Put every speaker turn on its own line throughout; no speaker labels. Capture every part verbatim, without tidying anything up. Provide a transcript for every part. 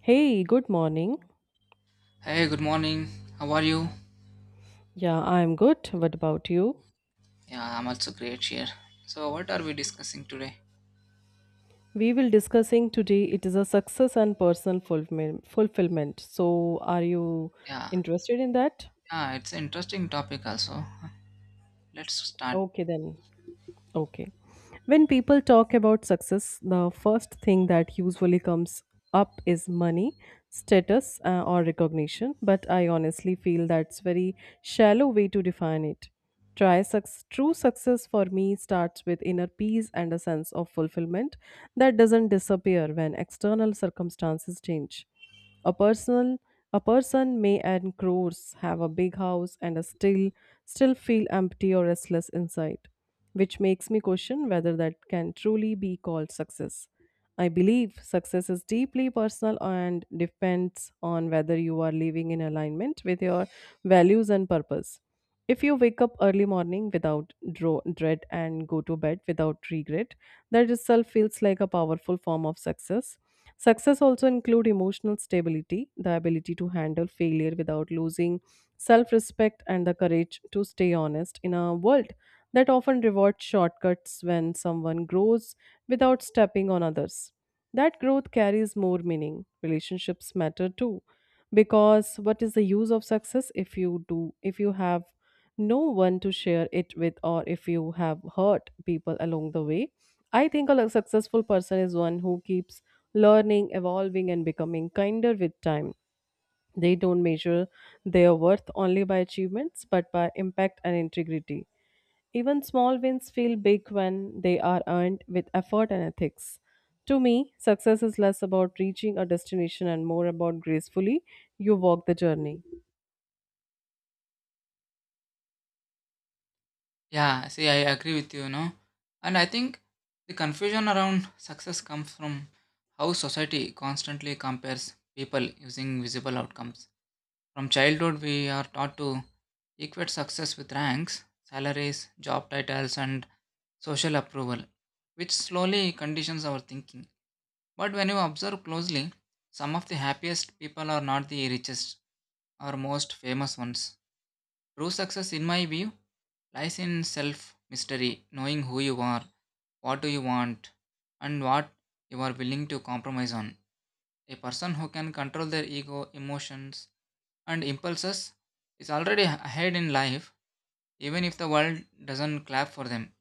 Hey, good morning.
Hey, good morning. How are you?
Yeah, I'm good. What about you?
Yeah, I'm also great here. So, what are we discussing today?
We will discussing today it is a success and personal fulfillment. fulfillment. So, are you
Yeah,
interested in that?
yeah, it's an interesting topic also. Let's start.
Okay then. Okay. When people talk about success, the first thing that usually comes up is money, status, uh, or recognition. But I honestly feel that's very shallow way to define it. Try suc- true success for me starts with inner peace and a sense of fulfillment that doesn't disappear when external circumstances change. A personal, a person may earn crores, have a big house, and a still still feel empty or restless inside, which makes me question whether that can truly be called success. I believe success is deeply personal and depends on whether you are living in alignment with your values and purpose. If you wake up early morning without dro- dread and go to bed without regret, that itself feels like a powerful form of success. Success also include emotional stability, the ability to handle failure without losing self-respect and the courage to stay honest in a world that often rewards shortcuts when someone grows without stepping on others. That growth carries more meaning. Relationships matter too because what is the use of success if you do if you have no one to share it with or if you have hurt people along the way. I think a successful person is one who keeps learning, evolving, and becoming kinder with time. They don't measure their worth only by achievements, but by impact and integrity. Even small wins feel big when they are earned with effort and ethics. To me, success is less about reaching a destination and more about gracefully you walk the journey.
Yeah, see, I agree with you, you know. And I think the confusion around success comes from how society constantly compares people using visible outcomes. From childhood, we are taught to equate success with ranks, salaries, job titles, and social approval, which slowly conditions our thinking. But when you observe closely, some of the happiest people are not the richest or most famous ones. True success, in my view, lies in self mystery, knowing who you are, what do you want, and what you are willing to compromise on. A person who can control their ego, emotions, and impulses is already ahead in life, even if the world doesn't clap for them.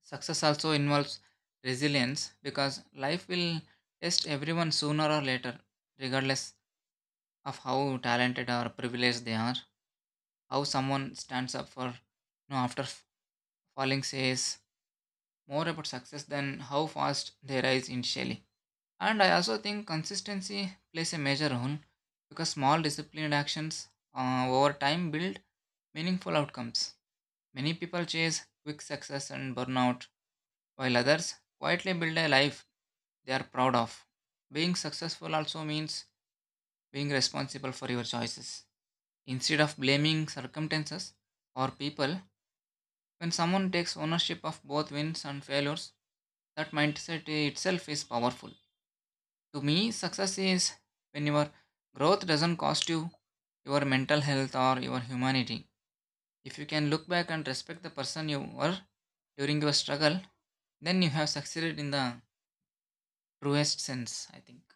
Success also involves resilience because life will test everyone sooner or later, regardless of how talented or privileged they are. How someone stands up for no after f- falling says more about success than how fast they rise initially. And I also think consistency plays a major role because small disciplined actions uh, over time build meaningful outcomes. Many people chase quick success and burnout, while others quietly build a life they are proud of. Being successful also means being responsible for your choices. Instead of blaming circumstances or people, when someone takes ownership of both wins and failures, that mindset itself is powerful. To me, success is when your growth doesn't cost you your mental health or your humanity. If you can look back and respect the person you were during your struggle, then you have succeeded in the truest sense, I think.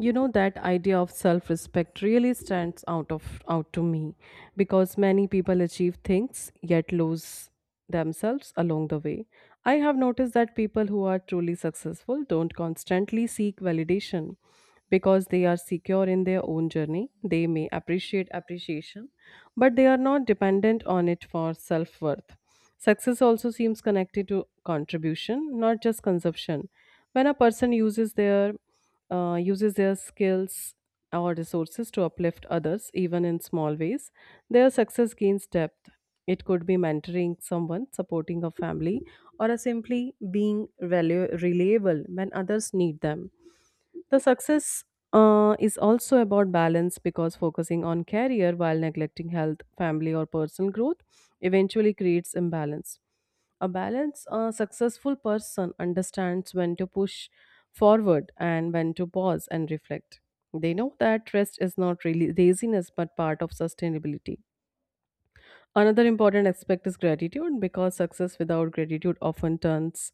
You know that idea of self respect really stands out of out to me because many people achieve things yet lose themselves along the way. I have noticed that people who are truly successful don't constantly seek validation because they are secure in their own journey. They may appreciate appreciation, but they are not dependent on it for self worth. Success also seems connected to contribution, not just consumption. When a person uses their uh, uses their skills or resources to uplift others, even in small ways. Their success gains depth. It could be mentoring someone, supporting a family, or a simply being relu- reliable when others need them. The success uh, is also about balance because focusing on career while neglecting health, family, or personal growth eventually creates imbalance. A balanced, uh, successful person understands when to push forward and when to pause and reflect. They know that rest is not really laziness but part of sustainability. Another important aspect is gratitude because success without gratitude often turns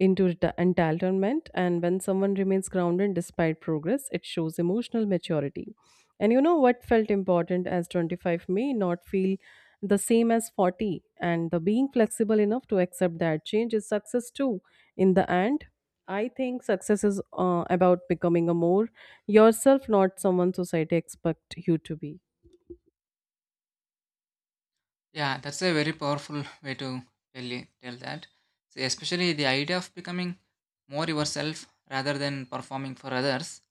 into reta- entitlement. And when someone remains grounded despite progress, it shows emotional maturity. And you know what felt important as twenty-five may not feel the same as forty. And the being flexible enough to accept that change is success too. In the end, I think success is uh, about becoming a more yourself, not someone society expect you to be.
Yeah, that's a very powerful way to tell, it- tell that. See, especially the idea of becoming more yourself rather than performing for others.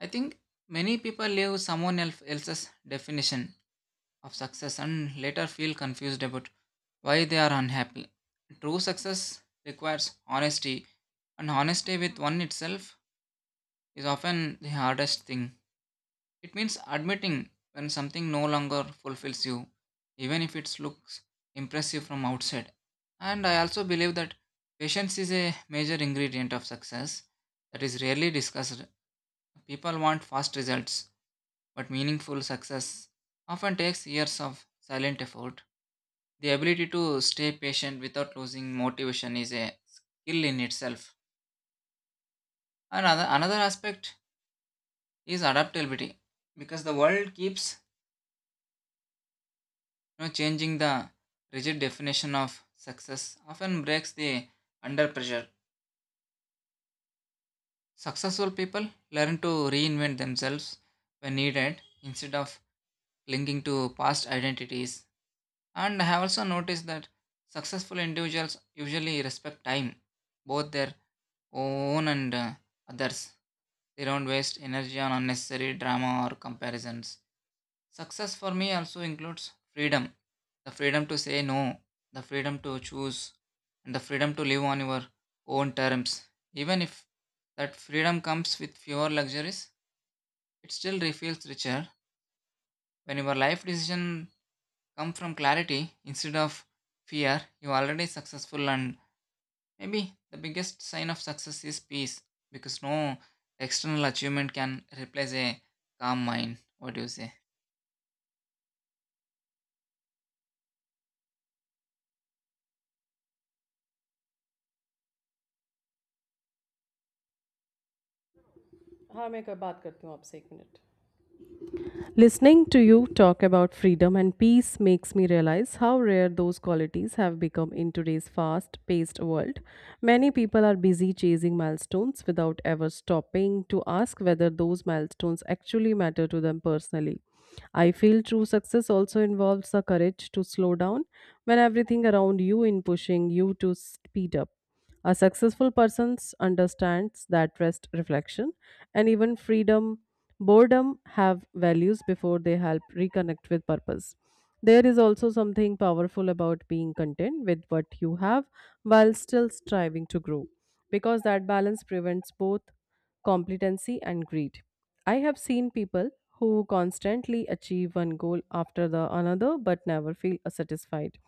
I think many people live someone else, else's definition of success and later feel confused about why they are unhappy. True success requires honesty, and honesty with one itself is often the hardest thing. It means admitting when something no longer fulfills you, even if it looks impressive from outside. And I also believe that patience is a major ingredient of success that is rarely discussed. People want fast results, but meaningful success often takes years of silent effort. The ability to stay patient without losing motivation is a skill in itself. Another, another aspect is adaptability because the world keeps, You know, changing the rigid definition of success often breaks the under pressure. Successful people learn to reinvent themselves when needed instead of clinging to past identities. And I have also noticed that successful individuals usually respect time, both their own and uh, others. They don't waste energy on unnecessary drama or comparisons. Success for me also includes freedom, the freedom to say no, the freedom to choose, and the freedom to live on your own terms. Even if that freedom comes with fewer luxuries, it still feels richer. When your life decisions come from clarity instead of fear, you are already successful, and maybe the biggest sign of success is peace because no external achievement can replace a calm mind. What do you say?
हाँ मैं कर- बात करती हूँ आपसे एक minute. Listening to you talk about freedom and peace makes me realize how rare those qualities have become in today's fast paced world. Many people are busy chasing milestones without ever stopping to ask whether those milestones actually matter to them personally. I feel true success also involves the courage to slow down when everything around you is pushing you to speed up. A successful person understands that rest, reflection, and even freedom, boredom have values before they help reconnect with purpose. There is also something powerful about being content with what you have while still striving to grow, because that balance prevents both competency and greed. I have seen people who constantly achieve one goal after the another but never feel satisfied,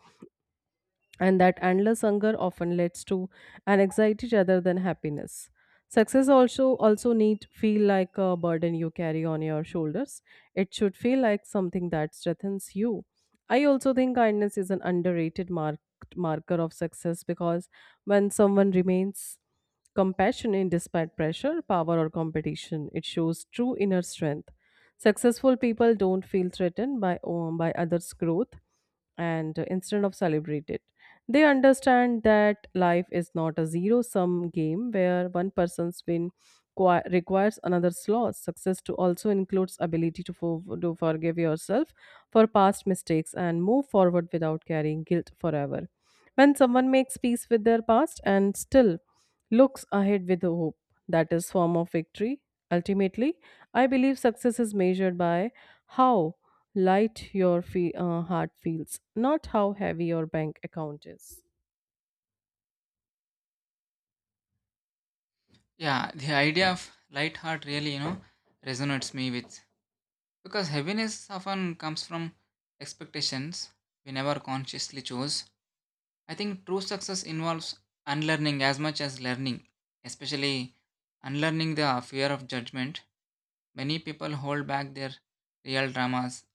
and that endless hunger often leads to an anxiety rather than happiness. Success also also need feel like a burden you carry on your shoulders. It should feel like something that strengthens you. I also think kindness is an underrated mark, marker of success because when someone remains compassionate despite pressure power or competition, it shows true inner strength. Successful people don't feel threatened by um, by others growth, and uh, instead of celebrate it, they understand that life is not a zero sum game where one person's win qui- requires another's loss. Success to also includes ability to, for- to forgive yourself for past mistakes and move forward without carrying guilt forever. When someone makes peace with their past and still looks ahead with hope, that is form of victory. Ultimately, I believe success is measured by how light your fe- uh, heart feels, not how heavy your bank account is.
Yeah, the idea of light heart really, you know, resonates me with because heaviness often comes from expectations we never consciously chose. I think true success involves unlearning as much as learning, especially unlearning the fear of judgment. Many people hold back their real dramas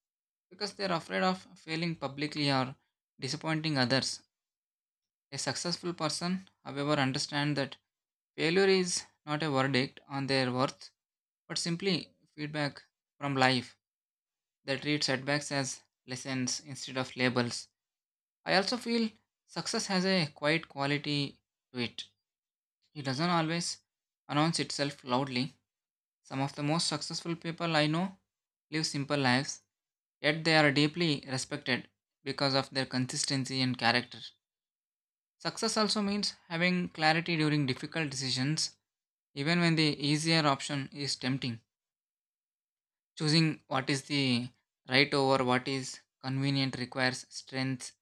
because they're afraid of failing publicly or disappointing others. A successful person, however, understands that failure is not a verdict on their worth, but simply feedback from life. They treat setbacks as lessons instead of labels. I also feel success has a quiet quality to it. It doesn't always announce itself loudly. Some of the most successful people I know live simple lives, yet they are deeply respected because of their consistency and character. Success also means having clarity during difficult decisions, even when the easier option is tempting. Choosing what is the right over what is convenient requires strength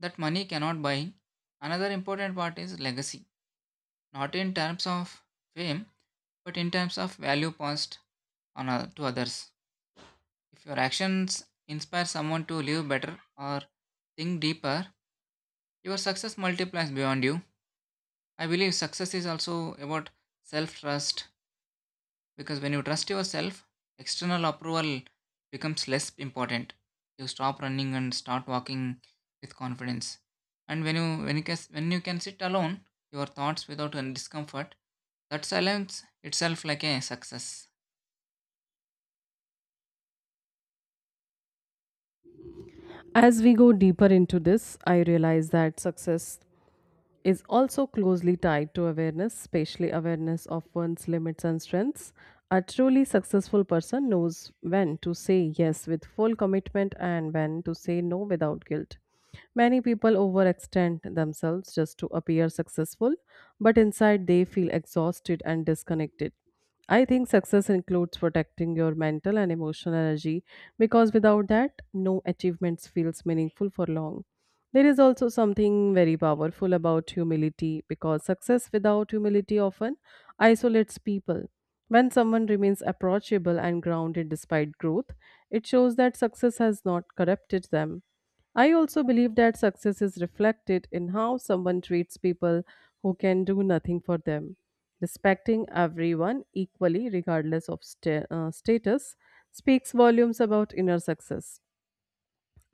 that money cannot buy. Another important part is legacy, not in terms of fame, but in terms of value passed on oth- to others. If your actions inspire someone to live better or think deeper, your success multiplies beyond you. I believe success is also about self trust because when you trust yourself, external approval becomes less important. You stop running and start walking with confidence. And when you when you can, when you can sit alone, your thoughts without any discomfort, that silence itself like a success.
As we go deeper into this, I realize that success is also closely tied to awareness, especially awareness of one's limits and strengths. A truly successful person knows when to say yes with full commitment and when to say no without guilt. Many people overextend themselves just to appear successful, but inside they feel exhausted and disconnected. I think success includes protecting your mental and emotional energy because without that, no achievements feels meaningful for long. There is also something very powerful about humility because success without humility often isolates people. When someone remains approachable and grounded despite growth, it shows that success has not corrupted them. I also believe that success is reflected in how someone treats people who can do nothing for them. Respecting everyone equally, regardless of sta- uh, status, speaks volumes about inner success.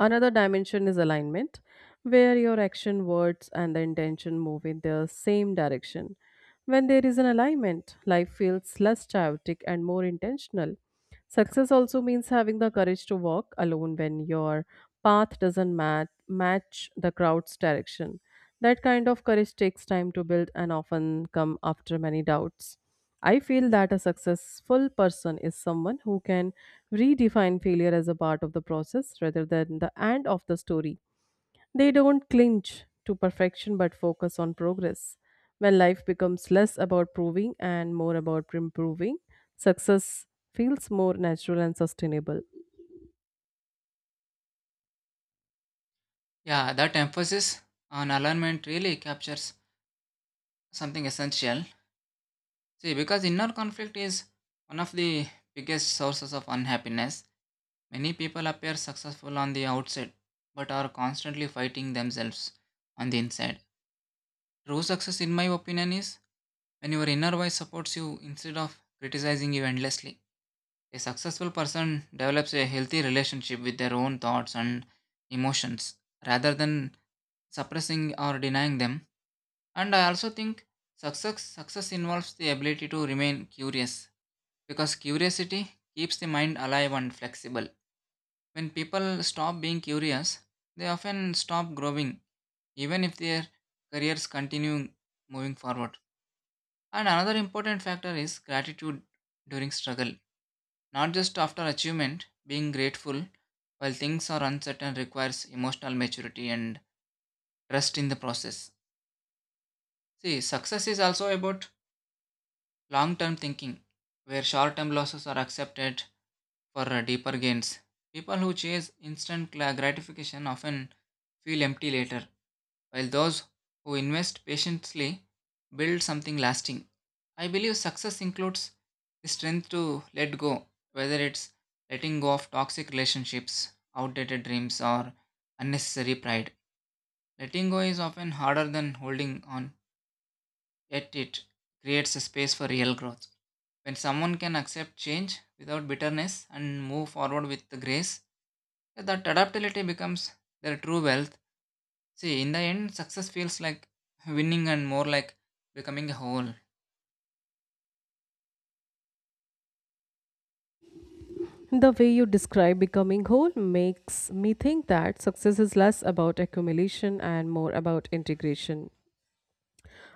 Another dimension is alignment, where your action, words, and the intention move in the same direction. When there is an alignment, life feels less chaotic and more intentional. Success also means having the courage to walk alone when your path doesn't mat- match the crowd's direction. That kind of courage takes time to build and often come after many doubts. I feel that a successful person is someone who can redefine failure as a part of the process rather than the end of the story. They don't clinch to perfection but focus on progress. When life becomes less about proving and more about improving, success feels more natural and sustainable.
Yeah, that emphasis on alignment really captures something essential. See, because inner conflict is one of the biggest sources of unhappiness. Many people appear successful on the outside but are constantly fighting themselves on the inside. True success, in my opinion, is when your inner voice supports you instead of criticizing you endlessly. A successful person develops a healthy relationship with their own thoughts and emotions rather than suppressing or denying them. And I also think success success involves the ability to remain curious because curiosity keeps the mind alive and flexible. When people stop being curious, they often stop growing, even if their careers continue moving forward. And another important factor is gratitude during struggle. Not just after achievement, being grateful while things are uncertain requires emotional maturity and trust in the process. See, success is also about long term thinking, where short term losses are accepted for uh, deeper gains. People who chase instant gla- gratification often feel empty later, while those who invest patiently build something lasting. I believe success includes the strength to let go, whether it's letting go of toxic relationships, outdated dreams, or unnecessary pride. Letting go is often harder than holding on. Yet it creates a space for real growth. When someone can accept change without bitterness and move forward with the grace, yeah, that adaptability becomes their true wealth. See, in the end, success feels like winning and more like becoming a whole.
The way you describe becoming whole makes me think that success is less about accumulation and more about integration.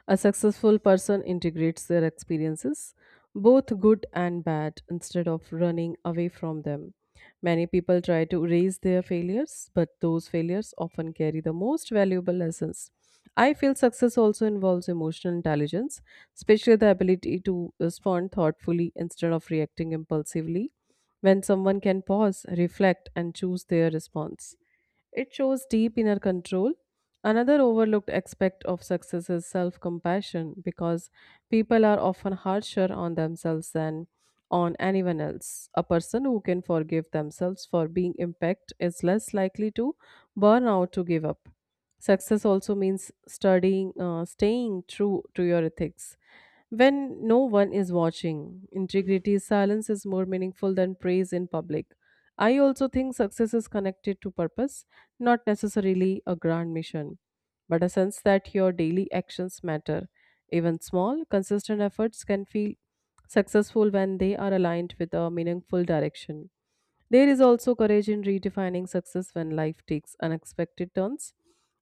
A successful person integrates their experiences, both good and bad, instead of running away from them. Many people try to erase their failures, but those failures often carry the most valuable lessons. I feel success also involves emotional intelligence, especially the ability to respond thoughtfully instead of reacting impulsively. When someone can pause, reflect, and choose their response, it shows deep inner control. Another overlooked aspect of success is self compassion because people are often harsher on themselves than on anyone else. A person who can forgive themselves for being impacted is less likely to burn out to give up. Success also means studying, uh, staying true to your ethics. When no one is watching, integrity silence is more meaningful than praise in public. I also think success is connected to purpose, not necessarily a grand mission, but a sense that your daily actions matter. Even small, consistent efforts can feel successful when they are aligned with a meaningful direction. There is also courage in redefining success when life takes unexpected turns.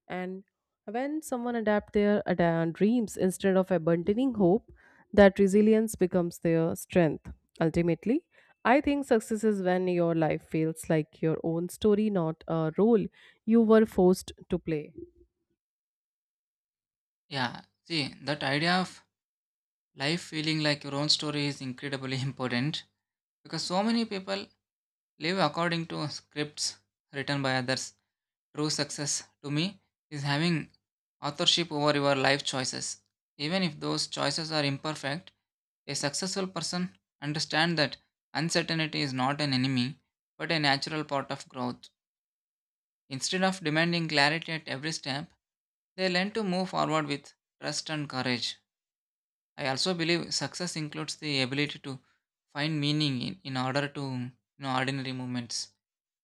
And when someone adapt their ada- dreams instead of abandoning hope, that resilience becomes their strength. Ultimately, I think success is when your life feels like your own story, not a role you were forced to play.
Yeah, see, that idea of life feeling like your own story is incredibly important because so many people live according to scripts written by others. True success to me is having authorship over your life choices. Even if those choices are imperfect, a successful person understands that uncertainty is not an enemy but a natural part of growth. Instead of demanding clarity at every step, they learn to move forward with trust and courage. I also believe success includes the ability to find meaning in, in order to you know, ordinary moments,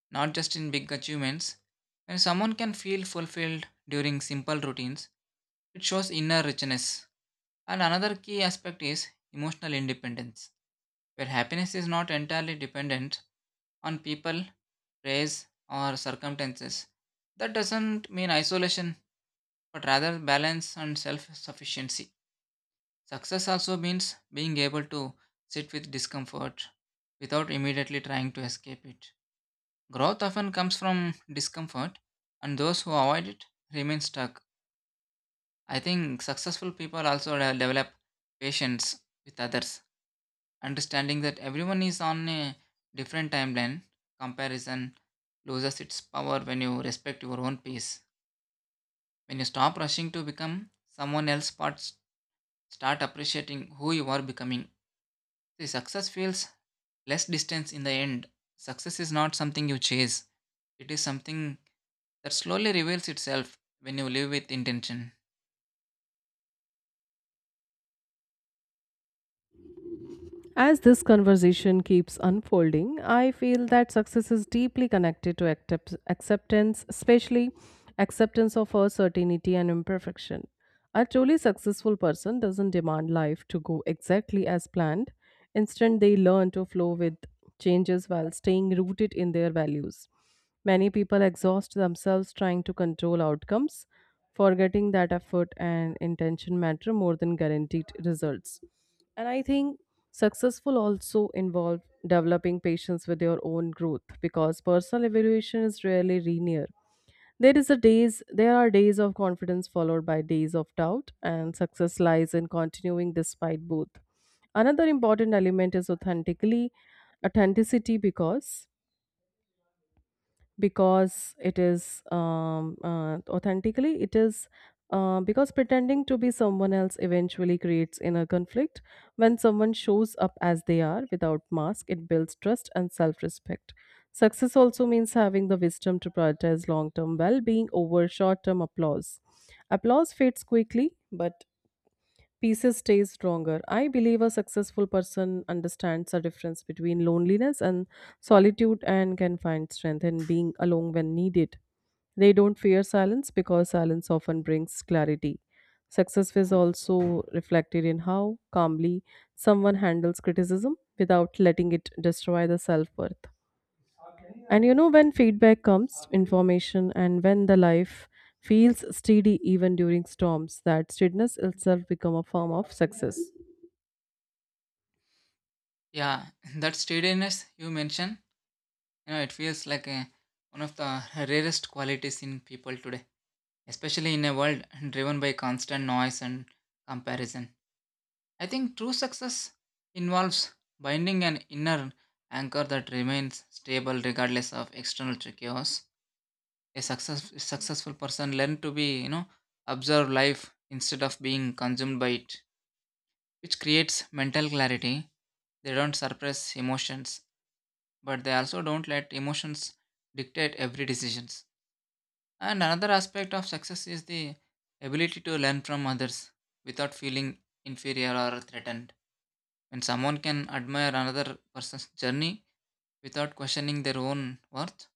not just in big achievements. When someone can feel fulfilled during simple routines, it shows inner richness. And another key aspect is emotional independence, where happiness is not entirely dependent on people, praise, or circumstances. That doesn't mean isolation, but rather balance and self sufficiency. Success also means being able to sit with discomfort without immediately trying to escape it. Growth often comes from discomfort, and those who avoid it remain stuck. I think successful people also de- develop patience with others, understanding that everyone is on a different timeline. Comparison loses its power when you respect your own pace. When you stop rushing to become someone else, but start appreciating who you are becoming. See, success feels less distance in the end. Success is not something you chase, it is something that slowly reveals itself when you live with intention.
As this conversation keeps unfolding, I feel that success is deeply connected to accept- acceptance, especially acceptance of uncertainty and imperfection. A truly successful person doesn't demand life to go exactly as planned. Instead, they learn to flow with changes while staying rooted in their values. Many people exhaust themselves trying to control outcomes, forgetting that effort and intention matter more than guaranteed results. And I think successful also involve developing patience with your own growth because personal evaluation is rarely linear. There is a days there are days of confidence followed by days of doubt, and success lies in continuing despite both. Another important element is authentically authenticity because because it is um, uh, authentically it is uh, because pretending to be someone else eventually creates inner conflict. When someone shows up as they are without mask, it builds trust and self-respect. Success also means having the wisdom to prioritize long-term well-being over short-term applause applause fades quickly, but pieces stay stronger. I believe a successful person understands the difference between loneliness and solitude and can find strength in being alone when needed. They don't fear silence because silence often brings clarity. Success is also reflected in how calmly someone handles criticism without letting it destroy the self worth. And you know, when feedback comes, information, and when the life feels steady even during storms, that steadiness itself become a form of success.
Yeah, that steadiness you mentioned, you know, it feels like a, one of the rarest qualities in people today, especially in a world driven by constant noise and comparison. I think true success involves binding an inner anchor that remains stable regardless of external chaos. A success, successful person learns to be, you know, observe life instead of being consumed by it, which creates mental clarity. They don't suppress emotions, but they also don't let emotions dictate every decisions. And another aspect of success is the ability to learn from others without feeling inferior or threatened. When someone can admire another person's journey without questioning their own worth,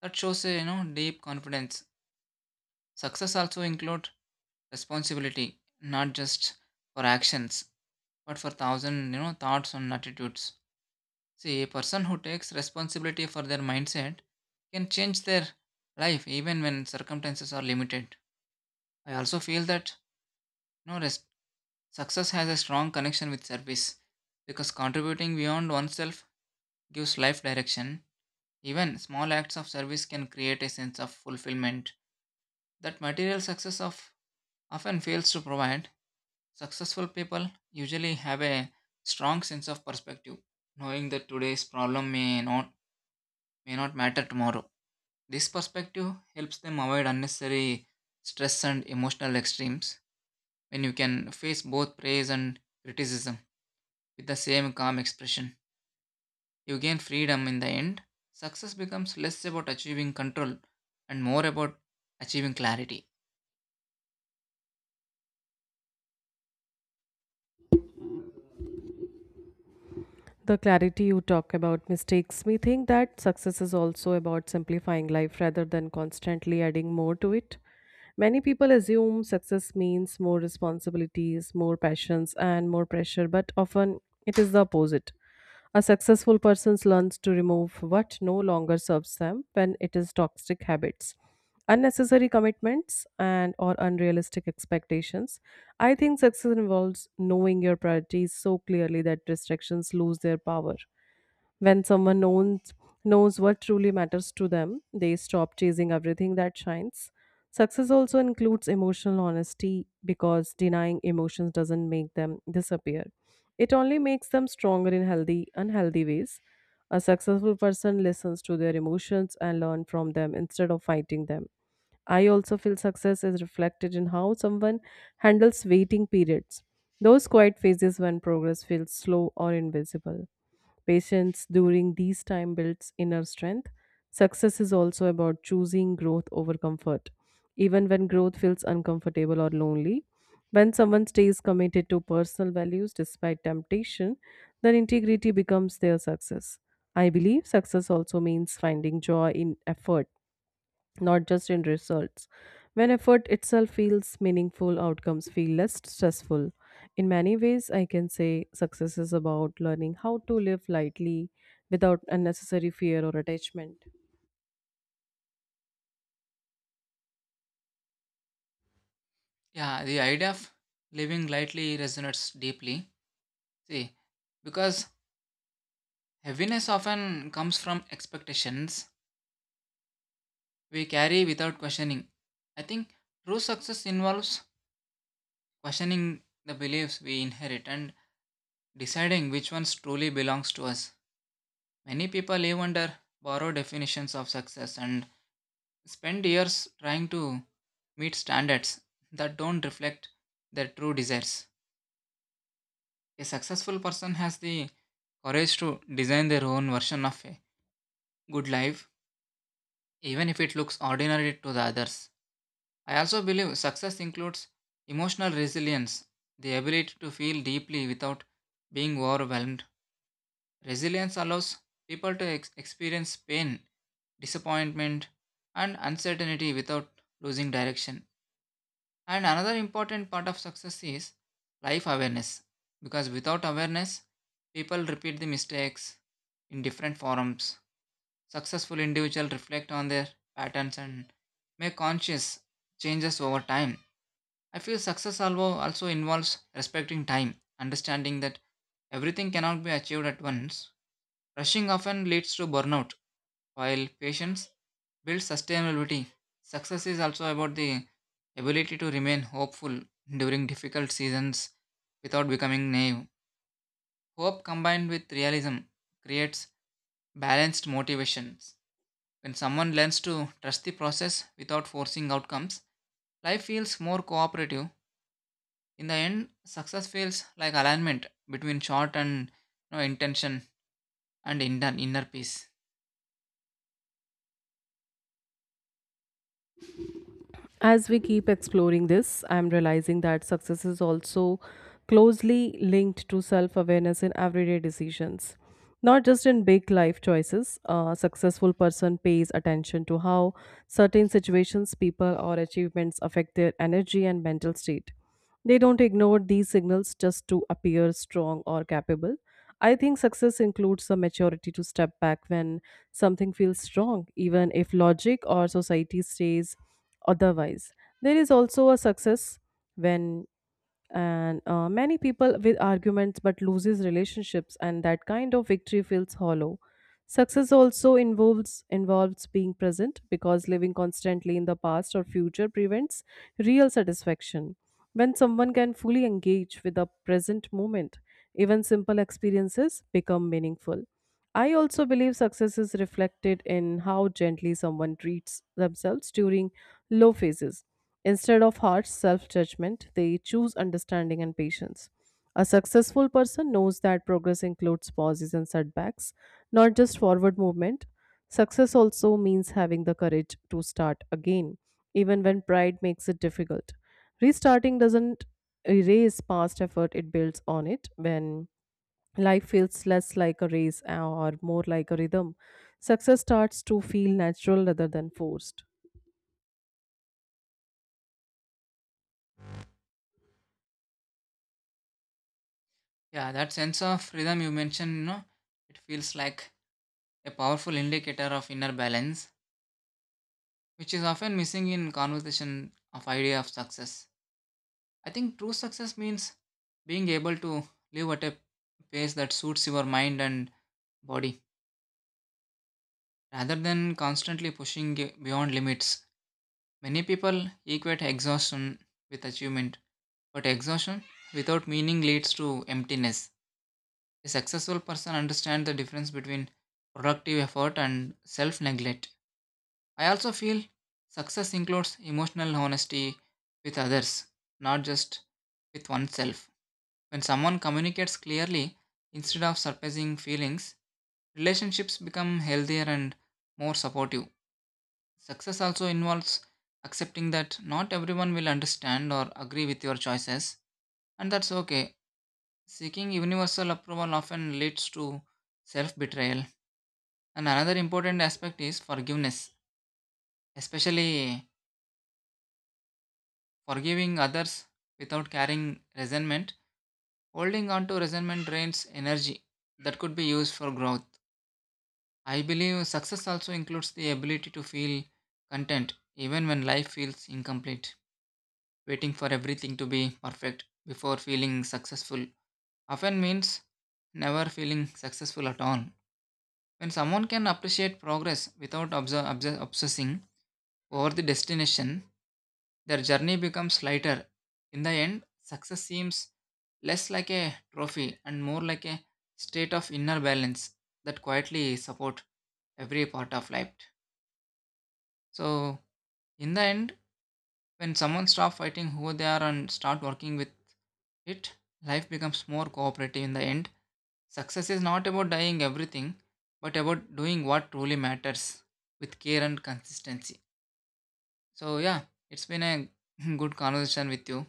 that shows a you know deep confidence. Success also includes responsibility, not just for actions, but for thousand you know thoughts and attitudes. See, a person who takes responsibility for their mindset can change their life even when circumstances are limited. I also feel that you know, res- success has a strong connection with service because contributing beyond oneself gives life direction. Even small acts of service can create a sense of fulfillment that material success of often fails to provide. Successful people usually have a strong sense of perspective, knowing that today's problem may not may not matter tomorrow. This perspective helps them avoid unnecessary stress and emotional extremes when you can face both praise and criticism with the same calm expression. You gain freedom in the end. Success becomes less about achieving control and more about achieving clarity.
The clarity you talk about mistakes me think that success is also about simplifying life rather than constantly adding more to it. Many people assume success means more responsibilities, more passions, and more pressure, but often it is the opposite. A successful person learns to remove what no longer serves them when it is toxic habits, unnecessary commitments and or unrealistic expectations. I think success involves knowing your priorities so clearly that distractions lose their power. When someone knows knows what truly matters to them, they stop chasing everything that shines. Success also includes emotional honesty because denying emotions doesn't make them disappear. It only makes them stronger in healthy, unhealthy ways. A successful person listens to their emotions and learn from them instead of fighting them. I also feel success is reflected in how someone handles waiting periods, those quiet phases when progress feels slow or invisible. Patience during these time builds inner strength. Success is also about choosing growth over comfort, even when growth feels uncomfortable or lonely. When someone stays committed to personal values despite temptation, their integrity becomes their success. I believe success also means finding joy in effort, not just in results. When effort itself feels meaningful, outcomes feel less stressful. In many ways, I can say success is about learning how to live lightly without unnecessary fear or attachment.
Yeah, the idea of living lightly resonates deeply. See, because heaviness often comes from expectations we carry without questioning. I think true success involves questioning the beliefs we inherit and deciding which ones truly belongs to us. Many people live under borrowed definitions of success and spend years trying to meet standards that don't reflect their true desires. A successful person has the courage to design their own version of a good life, even if it looks ordinary to the others. I also believe success includes emotional resilience, the ability to feel deeply without being overwhelmed. Resilience allows people to ex- experience pain, disappointment, and uncertainty without losing direction. And another important part of success is life awareness, because without awareness, people repeat the mistakes in different forms. Successful individuals reflect on their patterns and make conscious changes over time. I feel success alvo- also involves respecting time, understanding that everything cannot be achieved at once. Rushing often leads to burnout, while patience builds sustainability. Success is also about the ability to remain hopeful during difficult seasons without becoming naive. Hope combined with realism creates balanced motivations. When someone learns to trust the process without forcing outcomes, life feels more cooperative. In the end, success feels like alignment between short and you know, intention and inner, inner peace.
As we keep exploring this, I'm realizing that success is also closely linked to self awareness in everyday decisions. Not just in big life choices, a successful person pays attention to how certain situations, people, or achievements affect their energy and mental state. They don't ignore these signals just to appear strong or capable. I think success includes the maturity to step back when something feels strong, even if logic or society says otherwise. There is also a success when and uh, many people with arguments but loses relationships, and that kind of victory feels hollow. Success also involves involves being present because living constantly in the past or future prevents real satisfaction. When someone can fully engage with the present moment, even simple experiences become meaningful. I also believe success is reflected in how gently someone treats themselves during low phases. Instead of harsh self judgment, they choose understanding and patience. A successful person knows that progress includes pauses and setbacks, not just forward movement. Success also means having the courage to start again, even when pride makes it difficult. Restarting doesn't erase past effort, it builds on it. When life feels less like a race uh, or more like a rhythm. Success starts to feel natural rather than forced.
Yeah, that sense of rhythm you mentioned, you know, it feels like a powerful indicator of inner balance, which is often missing in conversation of idea of success. I think true success means being able to live at a pace that suits your mind and body, rather than constantly pushing ge- beyond limits. Many people equate exhaustion with achievement, but exhaustion without meaning leads to emptiness. A successful person understands the difference between productive effort and self neglect. I also feel success includes emotional honesty with others, not just with oneself. When someone communicates clearly instead of surprising feelings, relationships become healthier and more supportive. Success also involves accepting that not everyone will understand or agree with your choices, and that's okay. Seeking universal approval often leads to self betrayal. And another important aspect is forgiveness, especially forgiving others without carrying resentment. Holding on to resentment drains energy that could be used for growth. I believe success also includes the ability to feel content even when life feels incomplete. Waiting for everything to be perfect before feeling successful often means never feeling successful at all. When someone can appreciate progress without obs- obs- obsessing over the destination, their journey becomes lighter. In the end, success seems less like a trophy and more like a state of inner balance that quietly support every part of life. So, in the end, when someone stops fighting who they are and start working with it, life becomes more cooperative in the end. Success is not about dying everything, but about doing what truly matters with care and consistency. So, yeah, it's been a good conversation with you.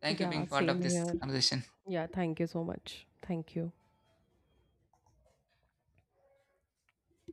Thank you
Yeah,
being part of
same
this
here.
conversation.
Yeah, thank you so much. Thank you.